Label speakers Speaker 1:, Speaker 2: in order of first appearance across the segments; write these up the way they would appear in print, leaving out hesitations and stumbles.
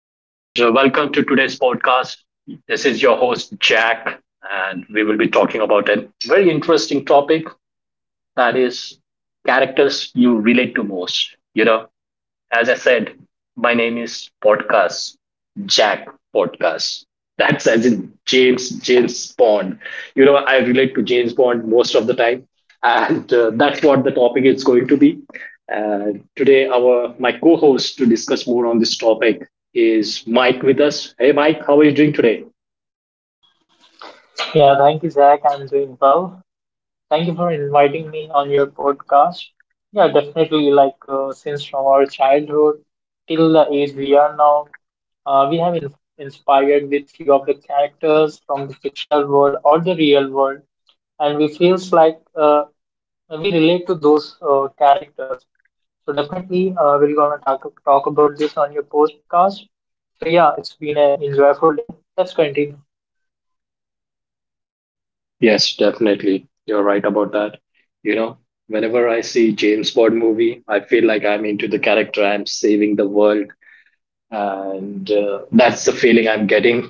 Speaker 1: to today's podcast. This is your host, Jack, and we will be talking about a very interesting topic that is characters you relate to most. You know, as I said, my name is Podcast Jack Podcast. That's as in James Bond. You know, I relate to James Bond most of the time, and that's what the topic is going to be. Today, our my co-host to discuss more on this topic is Mike with us. Hey, Mike, how are you doing today?
Speaker 2: Yeah, thank you, Zach. I'm doing well. Thank you for inviting me on your podcast. Yeah, definitely. Like, since from our childhood till the age we are now, we have inspired with few of the characters from the fictional world or the real world, and we feels like we relate to those characters. So definitely, we're gonna talk about this on your podcast. So yeah, it's been an enjoyable day. Let's continue.
Speaker 1: Yes, definitely. You're right about that. You know, whenever I see James Bond movie, I feel like I'm into the character. I'm saving the world. And that's the feeling I'm getting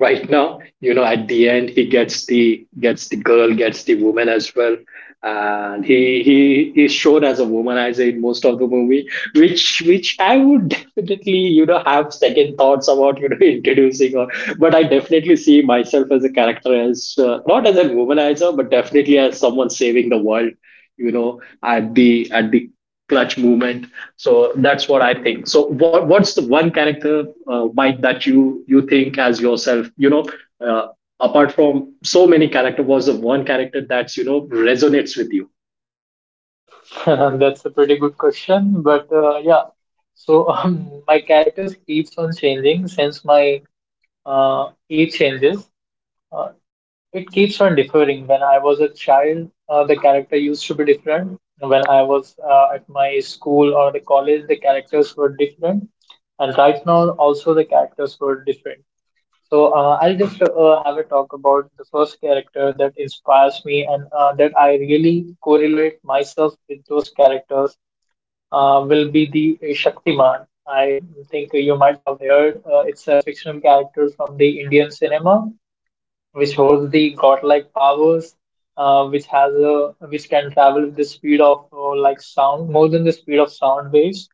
Speaker 1: right now. You know, at the end he gets the woman as well, and he is shown as a womanizer in most of the movie, which I would definitely, you know, have second thoughts about, you know, introducing. Or but I definitely see myself as a character, as not as a womanizer but definitely as someone saving the world, you know, at the clutch movement. So that's what I think. So what's the one character, Mike, that you think as yourself? Uh, Apart from so many character, was the one character that's you know, resonates with you?
Speaker 2: That's a pretty good question, but yeah. So my characters keeps on changing since my age changes. Uh, it keeps on differing. When I was a child, the character used to be different. When I was at my school or the college, the characters were different, and right now also the characters were different. So I'll just have a talk about the first character that inspires me and that I really correlate myself with those characters will be the Shaktiman. I think you might have heard it's a fictional character from the Indian cinema which holds the godlike powers, which has a which can travel with the speed of like sound, more than the speed of sound waves,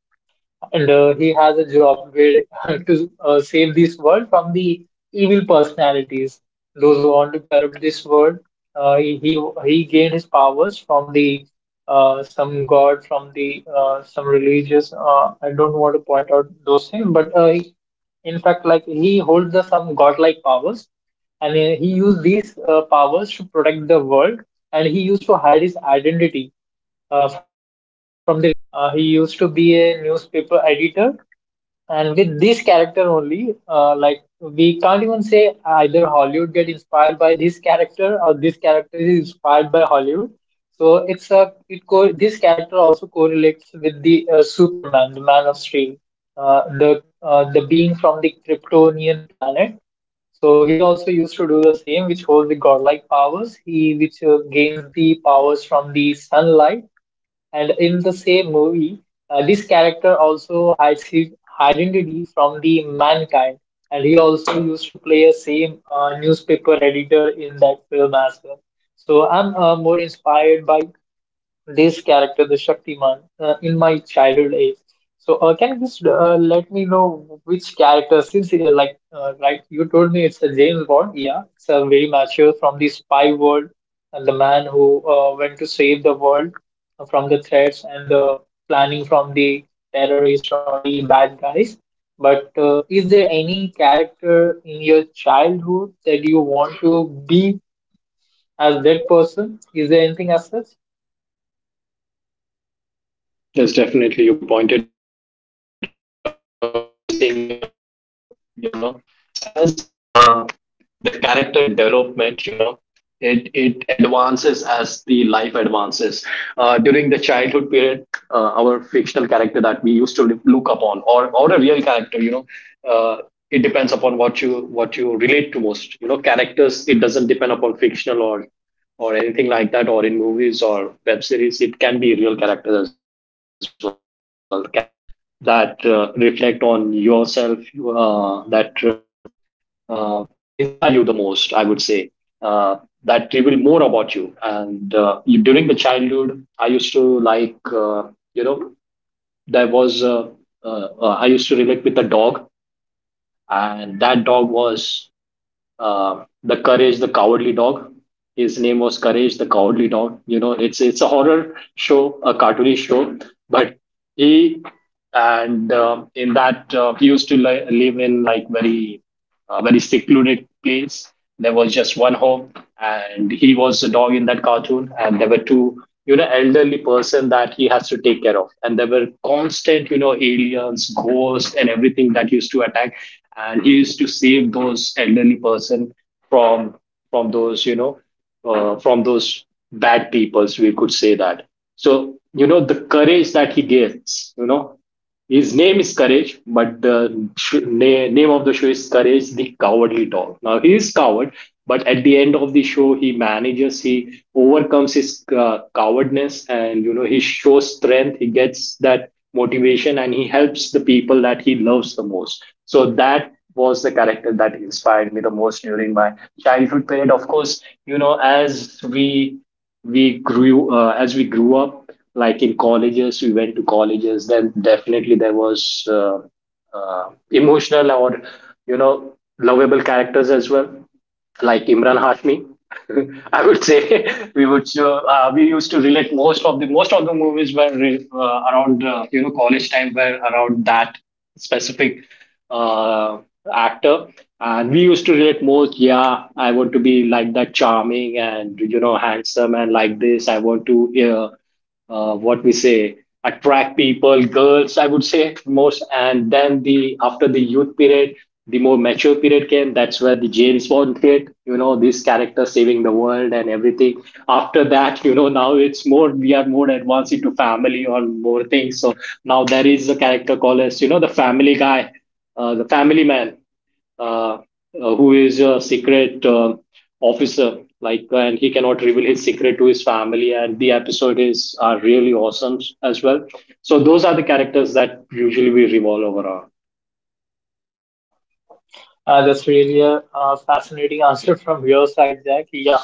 Speaker 2: and he has a job where to save this world from the evil personalities, those who want to corrupt this world. Uh, he, he he gained his powers from the some god, from the some religious. I don't want to point out those things, but in fact, like he holds the some godlike powers, and he used these powers to protect the world, and he used to hide his identity from the real world. He used to be a newspaper editor, and with this character only, like we can't even say either Hollywood get inspired by this character or this character is inspired by Hollywood, so it's a it co this character also correlates with the Superman, the Man of Steel, the being from the Kryptonian planet. So he also used to do the same, which holds the godlike powers. He which gains the powers from the sunlight, and in the same movie, this character also hides his identity from the mankind, and he also used to play a same newspaper editor in that film as well. So I'm more inspired by this character, the Shaktiman, in my childhood age. So, can you just let me know which character, since right, you told me it's a James Bond. Yeah, it's a very mature from the spy world, and the man who went to save the world from the threats and the planning from the terrorists or the bad guys. But is there any character in your childhood that you want to be as that person? Is there anything as such?
Speaker 1: Yes, definitely. You pointed out a main thing here, you know, as the character development, you know, it advances as the life advances. During the childhood period, our fictional character that we used to live, look upon, or a real character, you know, uh, it depends upon what you relate to most. You know, characters. It doesn't depend upon fictional or anything like that, or in movies or web series. It can be real characters as well. Characters that reflect on yourself, that uh, inspire you the most, I would say, uh, that reveal more about you. And during the childhood I used to like, you know, there was, uh, I used to relate with a dog, and that dog was, the courage the cowardly dog. His name was Courage the Cowardly Dog. You know, it's a horror show, a cartoony show, but he, and in that, he used to live in, like, very very secluded place. There was just one home, and he was a dog in that cartoon, and there were two, you know, elderly person that he has to take care of, and there were constant, you know, aliens, ghosts, and everything that used to attack, and he used to save those elderly person from from those, you know, from those bad peoples, we could say that. So, you know, the courage that he gives, you know, his name is Courage, but the name of the show is Courage the Cowardly Dog. Now, he is coward, but at the end of the show, he manages, he overcomes his cowardness, and, you know, he shows strength, he gets that motivation, and he helps the people that he loves the most. So, that was the character that inspired me the most during my childhood period. Of course, you know, as we grew up, like in colleges, we went to colleges. Then definitely there was, emotional or, you know, lovable characters as well, like Imran Hashmi. I would say, we would we used to relate most of the movies were around, you know, college time, were around that specific uh, actor, and we used to relate most. Yeah, I want to be like that, charming and, you know, handsome, and like this I want to, uh, what we say, attract people, girls, I would say most. And then the after the youth period, the more mature period came. That's where the James Bond hit. You know, this character saving the world and everything. After that, you know, now it's more, we are more advanced into family or more things. So now there is a character called as, you know, the family guy, the family man, uh, uh, who is a secret officer, like, and he cannot reveal his secret to his family, and the episode is are really awesome as well. So those are the characters that usually we revolve over around.
Speaker 2: That's really a fascinating answer from your side, Jack. Yeah,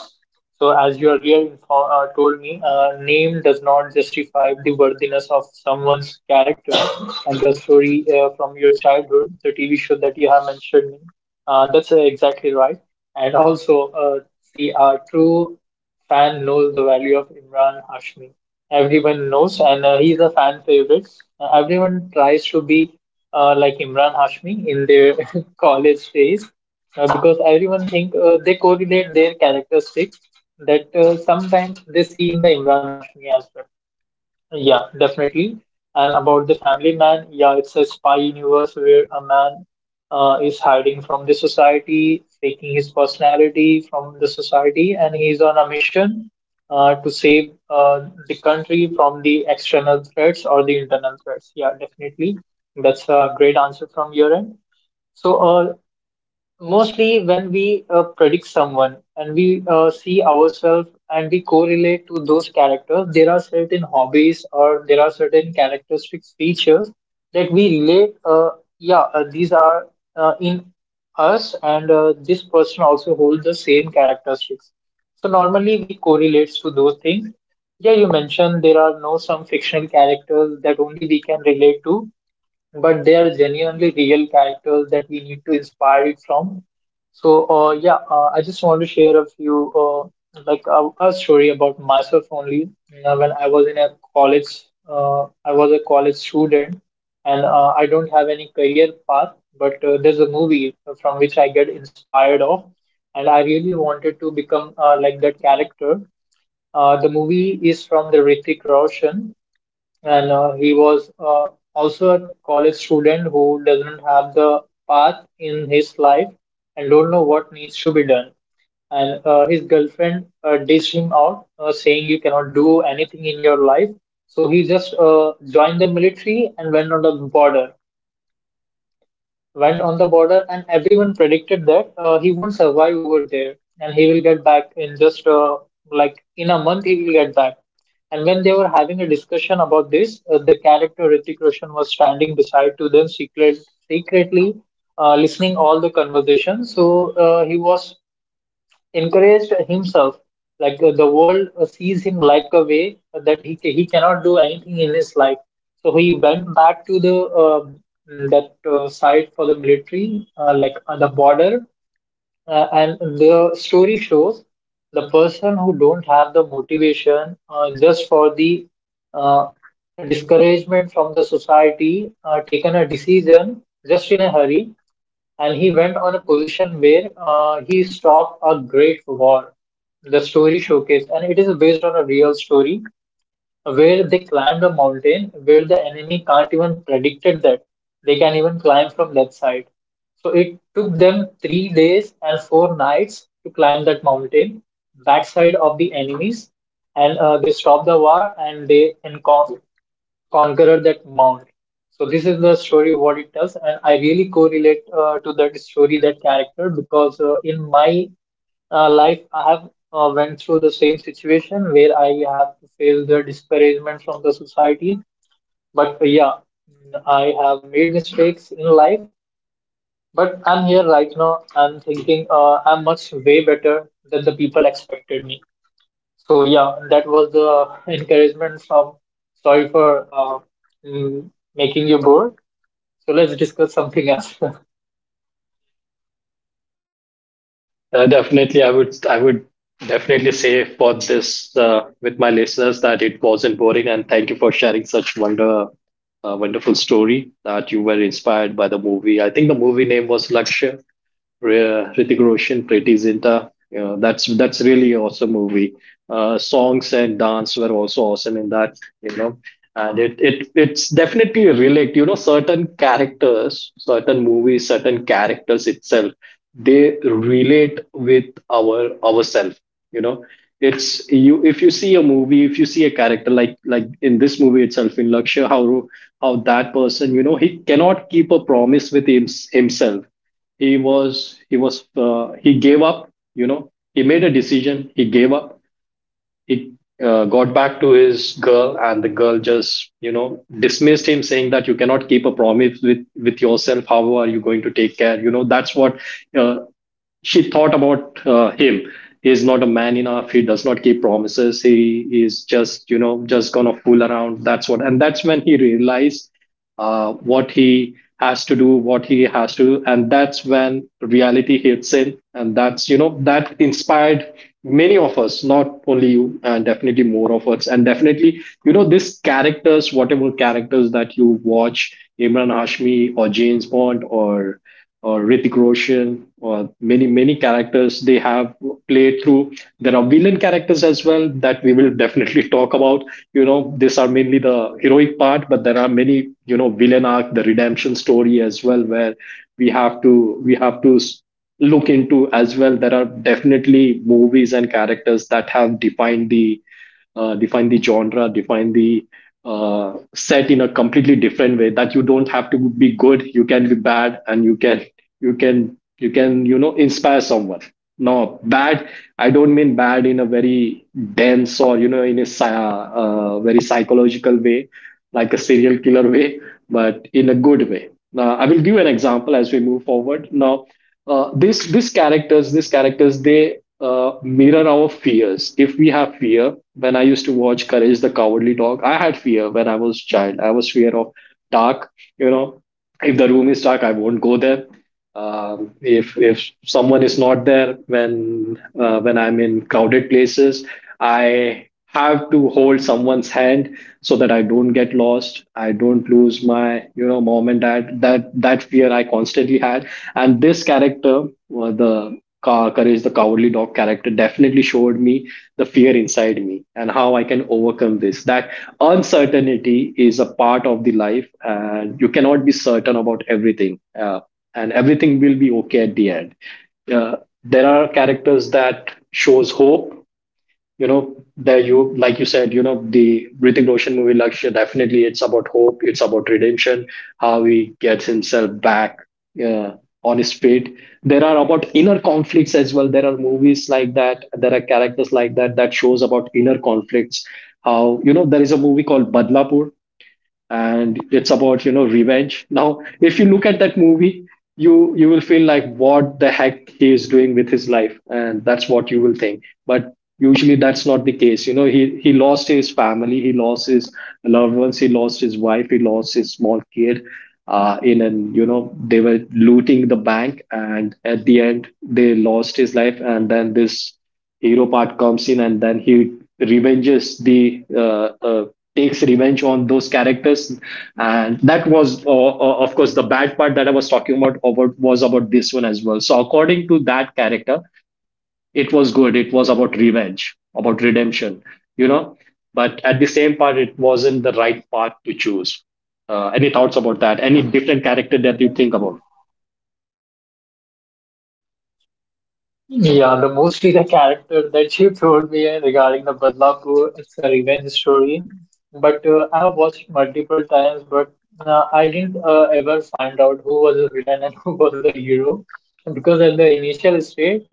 Speaker 2: so, as you earlier told me, name does not justify the worthiness of someone's character. And the story from your childhood, the TV show that you have mentioned, that's exactly right. And also, see, our true fan knows the value of Imran Hashmi. Everyone knows, and he's a fan favorite. Everyone tries to be like Imran Hashmi in their college phase because everyone think they correlate their characteristics that sometimes they see in the Imran Hashmi as well. Yeah, definitely. And about the family man, yeah, it's a spy universe where a man is hiding from the society, faking his personality from the society, and he's on a mission to save the country from the external threats or the internal threats. Yeah, definitely. That's a great answer from your end. So, mostly when we predict someone and we see ourselves and we correlate to those characters, there are certain hobbies or there are certain characteristic features that we relate. Yeah, these are in us, and this person also holds the same characteristics. So normally we correlates to those things. Yeah, you mentioned there are no some fictional characters that only we can relate to, but they are genuinely real characters that we need to inspire it from. So, yeah, I just want to share a few, a story about myself only. When I was in a college, I was a college student, and I don't have any career path. But there's a movie from which I get inspired of, and I really wanted to become like that character. The movie is from the Ritik Roshan, and he was also a college student who doesn't have the path in his life and don't know what needs to be done, and his girlfriend dished him out saying you cannot do anything in your life, so he just joined the military and went on the border, and everyone predicted that he won't survive over there, and he will get back in just like in a month he will get back. And when they were having a discussion about this, the character Hrithik Roshan was standing beside to them secretly listening all the conversation. So he was encouraged himself. Like the world sees him like a way that he cannot do anything in his life. So he went back to the um that side for the military, like on the border, and the story shows the person who don't have the motivation just for the uh, discouragement from the society taken a decision just in a hurry, and he went on a position where he stopped a great war. The story showcase, and it is based on a real story where they climbed a mountain where the enemy can't even predicted that they can even climb from that side. So it took them 3 days and 4 nights to climb that mountain, backside of the enemies, and they stopped the war and they conquered that mount. So this is the story what it tells, and I really correlate to that story that character, because in my life I have went through the same situation where I have to face the discouragement from the society. But yeah, I have made mistakes in life. But I'm here right now. I'm thinking I'm much way better than the people expected me. So yeah, that was the encouragement from. Sorry for mm, making you bored. So let's discuss something else.
Speaker 1: Definitely, I would, I would definitely say for this, with my listeners, that it wasn't boring, and thank you for sharing such wonderful story that you were inspired by. The movie, I think the movie name was Lakshya, Hrithik Roshan, Priti Zinta. You know, that's really an awesome movie. Songs and dance were also awesome in that. You know, and it's definitely a relate. You know, certain characters, certain movies, certain characters itself, they relate with our ourself. You know, it's, you, if you see a movie, if you see a character, like in this movie itself, in Lakshya, how that person, you know, he cannot keep a promise with him, himself. He was he was uh, he gave up, you know, he made a decision, he gave up. He, got back to his girl, and the girl just, you know, dismissed him saying that you cannot keep a promise with yourself, how are you going to take care, you know, that's what uh, she thought about him. He's not a man enough, he does not keep promises, he is just, you know, just gonna fool around. That's what. And that's when he realized what he has to do, what he has to do, and that's when reality hits him, and that's, you know, that inspired many of us, not only you, and definitely more of us. And definitely, you know, these characters, whatever characters that you watch, Imran Hashmi or James Bond or Hrithik Roshan or many characters they have played through. There are villain characters as well that we will definitely talk about. You know, these are mainly the heroic part, but there are many, you know, villain arc, the redemption story as well, where we have to look into as well. There are definitely movies and characters that have defined the define the genre, define the set in a completely different way. That you don't have to be good, you can be bad, and you can you know inspire someone. No, bad, I don't mean bad in a very dense or, you know, in a very psychological way, like a serial killer way, but in a good way. Now I will give an example. As we move forward now, this these characters these characters, they mirror our fears. If we have fear, when I used to watch Courage the Cowardly Dog, I had fear when I was child. I was fear of dark. You know, if the room is dark, I won't go there. If someone is not there when I'm in crowded places, I have to hold someone's hand so that I don't get lost. I don't lose my, you know, mom and dad. That fear I constantly had, and this character, the Courage the Cowardly Dog character, definitely showed me the fear inside me and how I can overcome this. That uncertainty is a part of the life, and you cannot be certain about everything. And everything will be okay at the end. Uh, there are characters that shows hope. You know, there, you, like you said, you know, the Hrithik Roshan movie Lakshya, definitely it's about hope, it's about redemption, how he gets himself back uh, on his feet. There are about inner conflicts as well. There are movies like that. There are characters like that that shows about inner conflicts. How, there is a movie called Badlapur, and it's about, revenge. Now if you look at that movie, you will feel like what the heck he is doing with his life, and that's what you will think. But usually that's not the case. You know, he lost his family, he lost his loved ones, he lost his wife, he lost his small kid. In an, they were looting the bank, and at the end they lost his life. And then this hero part comes in, and then he revenges the takes revenge on those characters. And that was, of course, the bad part that I was talking about was about this one as well. So according to that character, it was good, it was about revenge, about redemption, you know, but at the same part it wasn't the right path to choose. Any thoughts about that? Any different character that you think about?
Speaker 2: Yeah, the mostly the character that you told me regarding the Badlapur, it's a revenge story. But I have watched multiple times, but I didn't ever find out who was the villain and who was the hero. Because at the initial stage,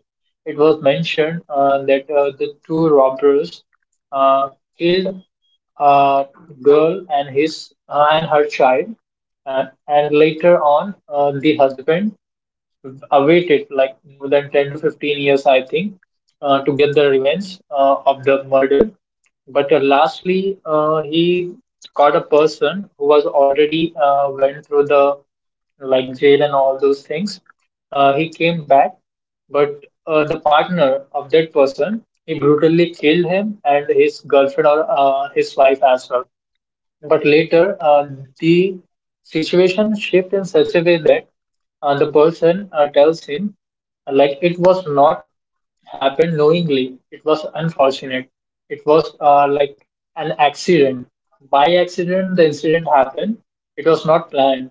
Speaker 2: it was mentioned that the two robbers uh, killed a girl and his and her child, and later on the husband awaited like more than 10 to 15 years, I think, to get the revenge of the murder. But lastly, he caught a person who was already went through the like jail and all those things. He came back, but the partner of that person he brutally killed him and his girlfriend or his wife as well. But later, the situation shifts in such a way that the person tells him, like, it was not happened knowingly. It was unfortunate. It was like an accident. By accident, the incident happened. It was not planned.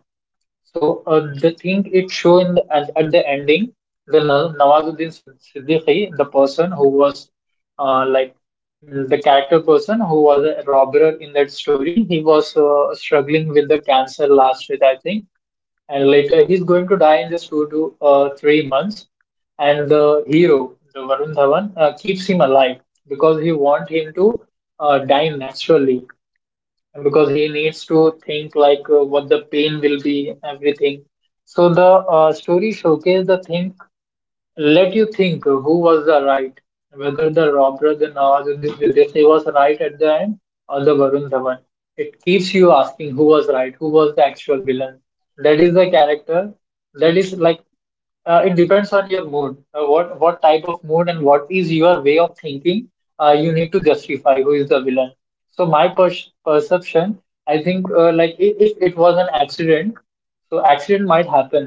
Speaker 2: So the thing it show at the ending, the Nawazuddin Siddiqui, the person who was uh, like the character person who was a robber in that story, he was struggling with the cancer last year, I think, and later he's going to die in just 2 to 3 months. And the hero, the Varun Dhawan, keeps him alive because he want him to die naturally, because he needs to think like what the pain will be everything, so the story showcase the thing, let you think who was the right, whether the Robert the with Disney was right at the end or the Varun Dhawan. It keeps you asking who was right, who was the actual villain. That is the character. That is like it depends on your mood, what type of mood and what is your way of thinking. You need to justify who is the villain. So perception, I think, if it was an accident, so accident might happen.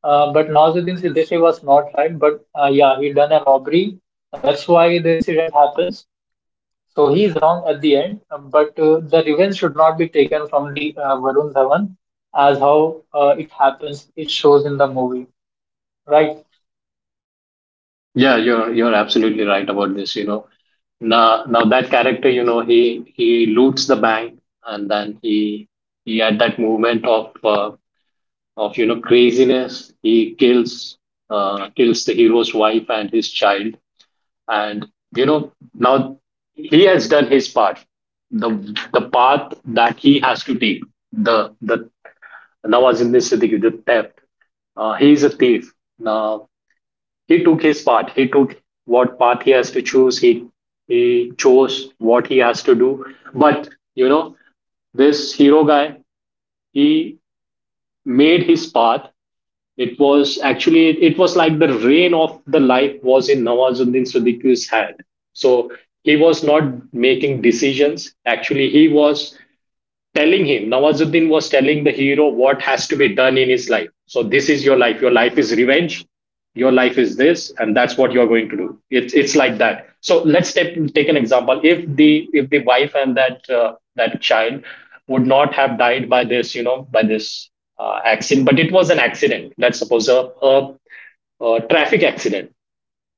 Speaker 2: But Nawazuddin Siddiqui was not right. But yeah, he done a robbery. And that's why the incident happens. So he is wrong at the end. But the revenge should not be taken from the Varun Dhawan as how it happens. It shows in the movie. Right.
Speaker 1: Yeah, you're absolutely right about this. You know, now now that character, you know, he loots the bank, and then he had that movement of of, you know, craziness. He kills kills the hero's wife and his child, and you know, now he has done his part. The the path that he has to take, the Nawazuddin Siddiqui, the theft. He is a thief. Now he took his part. He took what path he has to choose. He chose what he has to do. But you know, this hero guy, he made his path. It was actually, it was like the reign of the life was in Nawazuddin Siddiqui's hand. So he was not making decisions. Actually, he was telling him, Nawazuddin was telling the hero what has to be done in his life. So this is your life. Your life is revenge. Your life is this, and that's what you're going to do. It's like that. So let's take an example. If the wife and that that child would not have died by this, you know, by this accident, but it was an accident. Let's suppose a, a traffic accident.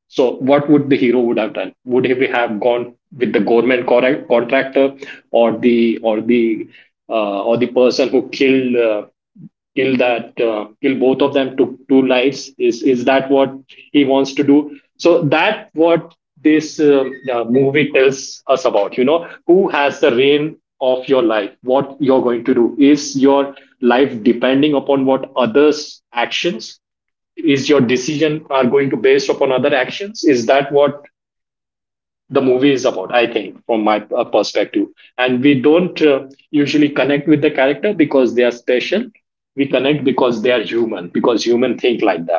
Speaker 1: So what would the hero would have done? Would he have gone with the government correct, contractor, or the or the person who killed kill that kill both of them, took two lives? Is that what he wants to do? So that what this movie tells us about. You know, who has the reign of your life? What you're going to do is your life depending upon what others' actions is your decision are going to based upon other actions, is that what the movie is about? I think, from my perspective, and we don't usually connect with the character because they are special. We connect because they are human, because human think like that.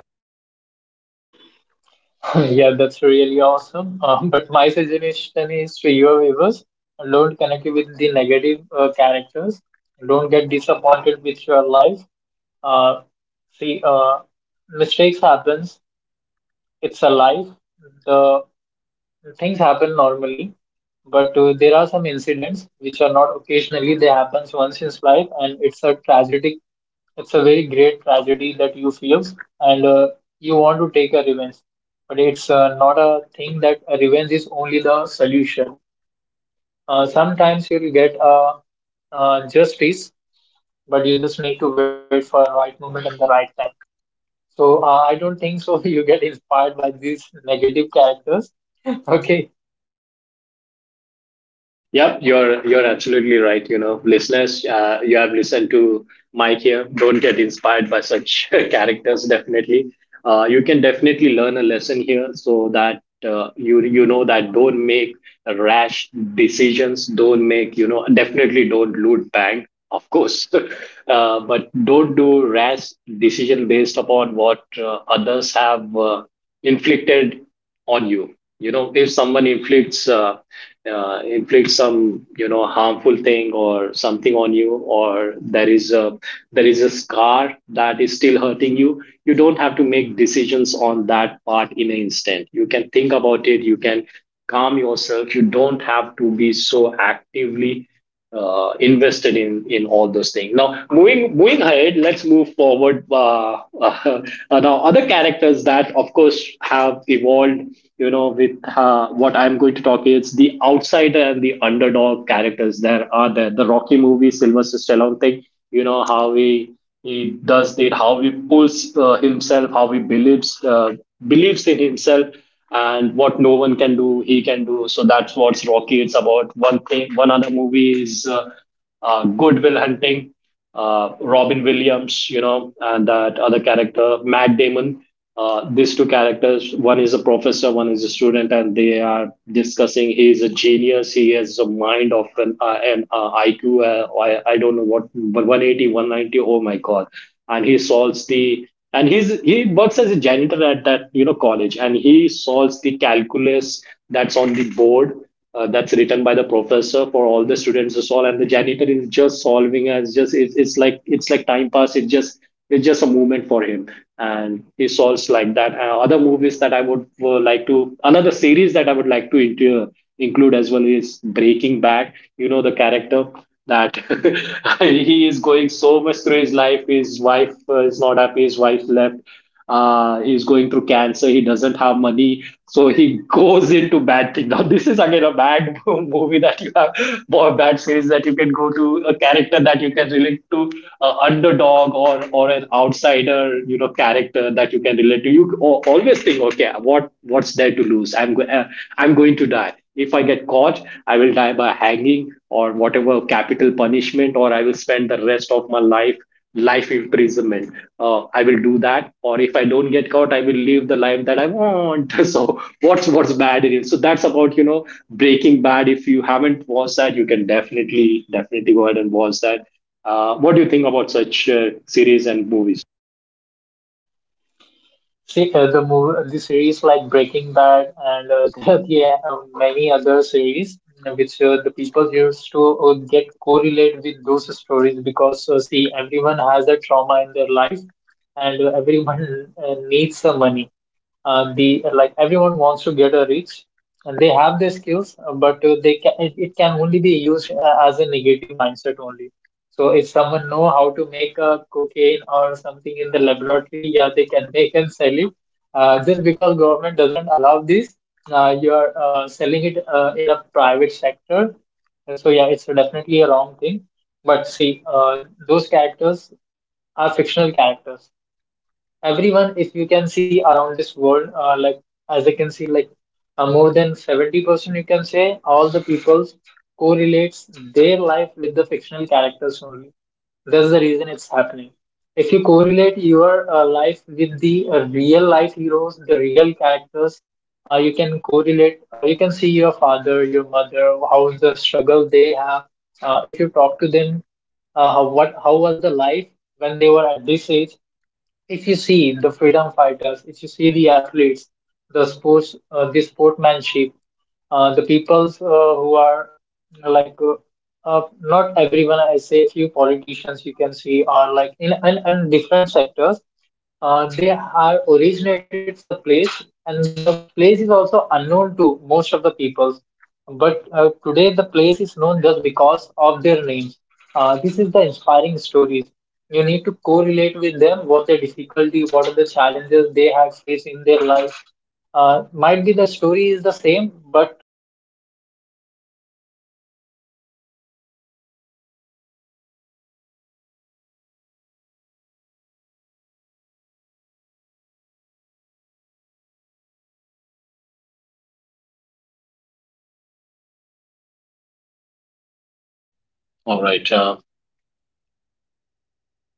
Speaker 2: Yeah, that's really awesome. But my suggestion is to your viewers, don't connect with the negative characters. Don't get disappointed with your life. Uh, See, mistakes happens. It's a life. The things happen normally, but there are some incidents which are not occasionally. They happens once in his life, and it's a tragic. It's a very great tragedy that you feel, and you want to take a revenge. But it's not a thing that a revenge is only the solution. Sometimes you'll get a justice, but you just need to wait for a right moment and the right time. So I don't think so. You get inspired by these negative characters. Okay,
Speaker 1: Yep, you're absolutely right. You know, listeners, you have listened to Mike here. Don't get inspired by such characters. Definitely, you can definitely learn a lesson here, so that you, you know that don't make rash decisions. Don't make, you know, definitely don't loot bank, of course, but don't do rash decision based upon what others have inflicted on you. You know, if someone inflicts inflicts some, you know, harmful thing or something on you, or there is a scar that is still hurting you, you don't have to make decisions on that part in an instant. You can think about it, you can calm yourself. You don't have to be so actively invested in all those things. Now, moving ahead, let's move forward. Now other characters that of course have evolved. You know, with what I'm going to talk is the outsider and the underdog characters. There are there the Rocky movie, Sylvester Stallone thing. You know how he does it, how he pulls himself, how he believes believes in himself, and what no one can do, he can do. So that's what's Rocky. It's about one thing. One other movie is Goodwill Hunting. Robin Williams, you know, and that other character, Matt Damon. These two characters, one is a professor, one is a student, and they are discussing. He is a genius. He has a mind of an IQ. I don't know what, but 180, 190. Oh my god! And he solves the and he's he works as a janitor at that, you know, college, and he solves the calculus that's on the board that's written by the professor for all the students to solve, and the janitor is just solving as just, it's like, it's like time pass. It's just it's just a movement for him, and he solves like that. Other movies that I would like to, another series that I would like to include as well, is Breaking Bad. You know the character that he is going so much through his life. His wife is not happy. His wife left. He's going through cancer. He doesn't have money, so he goes into bad thing. Now this is again a bad movie that you have, or bad series that you can go to, a character that you can relate to, a underdog, or an outsider, you know, character that you can relate to. You always think, okay, what's there to lose? I'm going to die. If I get caught, I will die by hanging or whatever capital punishment, or I will spend the rest of my life imprisonment. I will do that, or if I don't get caught, I will live the life that I want. So what's bad in it? So that's about, you know, Breaking Bad. If you haven't watched that, you can definitely go ahead and watch that. What do you think about such series and movies?
Speaker 2: see, the movie, the series like Breaking Bad and many other series, which the people used to get correlate with those stories, because see, everyone has a trauma in their life, and everyone needs some money. The like everyone wants to get a reach, and they have their skills, but they can it can only be used as a negative mindset only. So if someone know how to make a cocaine or something in the laboratory, yeah, they can make and sell it. Just because government doesn't allow this, you are selling it in a private sector. So yeah, it's definitely a wrong thing. But see, those characters are fictional characters. Everyone, if you can see around this world, like as I can see, like, more than 70% you can say, all the people correlates their life with the fictional characters only. That's the reason it's happening. If you correlate your life with the real life heroes, the real characters, you can correlate, you can see your father, your mother, how's the struggle they have. If you talk to them, what, how was the life when they were at this age. If you see the freedom fighters, if you see the athletes, the sports, the sportsmanship, the peoples who are like not everyone. I say few politicians you can see are like in different sectors. They are originated from the place, and the place is also unknown to most of the peoples. But today, the place is known just because of their names. This is the inspiring stories. You need to correlate with them what their difficulty, what are the challenges they had faced in their life. Might be the story is the same, but the output might be different. So you need to study their lifestyles. What was the decision they have changed in their life? So they are the real superheroes right now. So you can correlate to that, and you can change yourself. Yeah, definitely you can win this world.
Speaker 1: All right. Uh,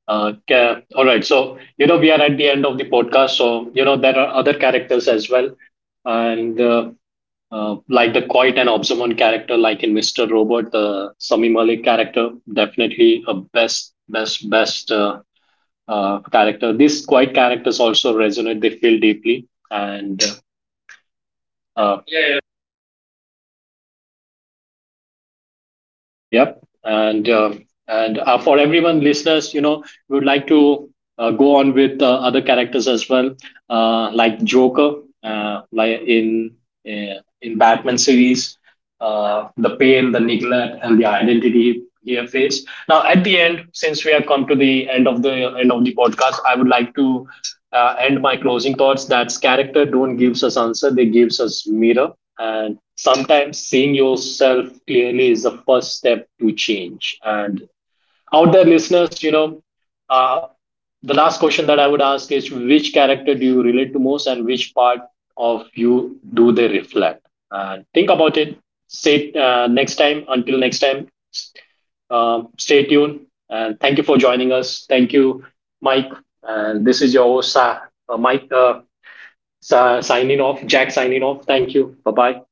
Speaker 1: Uh, ca- All right. So, you know, we are at the end of the podcast. So, you know, there are other characters as well. And Like the quiet and observant character, like in Mr. Robot, the Sami Malik character, definitely a best character. These quiet characters also resonate, they feel deeply. And
Speaker 2: Yeah,
Speaker 1: Yeah.
Speaker 2: yeah, those characters.
Speaker 1: Yep. And For everyone, listeners, you know, we would like to go on with other characters as well, like Joker, like in Batman series, the pain, the neglect, and the identity here faced. Now, at the end, since we have come to the end of the podcast, I would like to end my closing thoughts. That's character don't gives us answer; they gives us mirror. And sometimes seeing yourself clearly is the first step to change. And out there, listeners, you know, uh, the last question that I would ask is, which character do you relate to most, and which part of you do they reflect? Think about it. Say, next time, until next time, stay tuned, and thank you for joining us. Thank you, Mike. And this is your host, Mike.
Speaker 2: Uh, Signing
Speaker 1: Signing off,
Speaker 2: off,
Speaker 1: Jack.
Speaker 2: Jackson.
Speaker 1: Signing off. Thank you. Bye
Speaker 2: Bye
Speaker 1: bye.
Speaker 2: bye.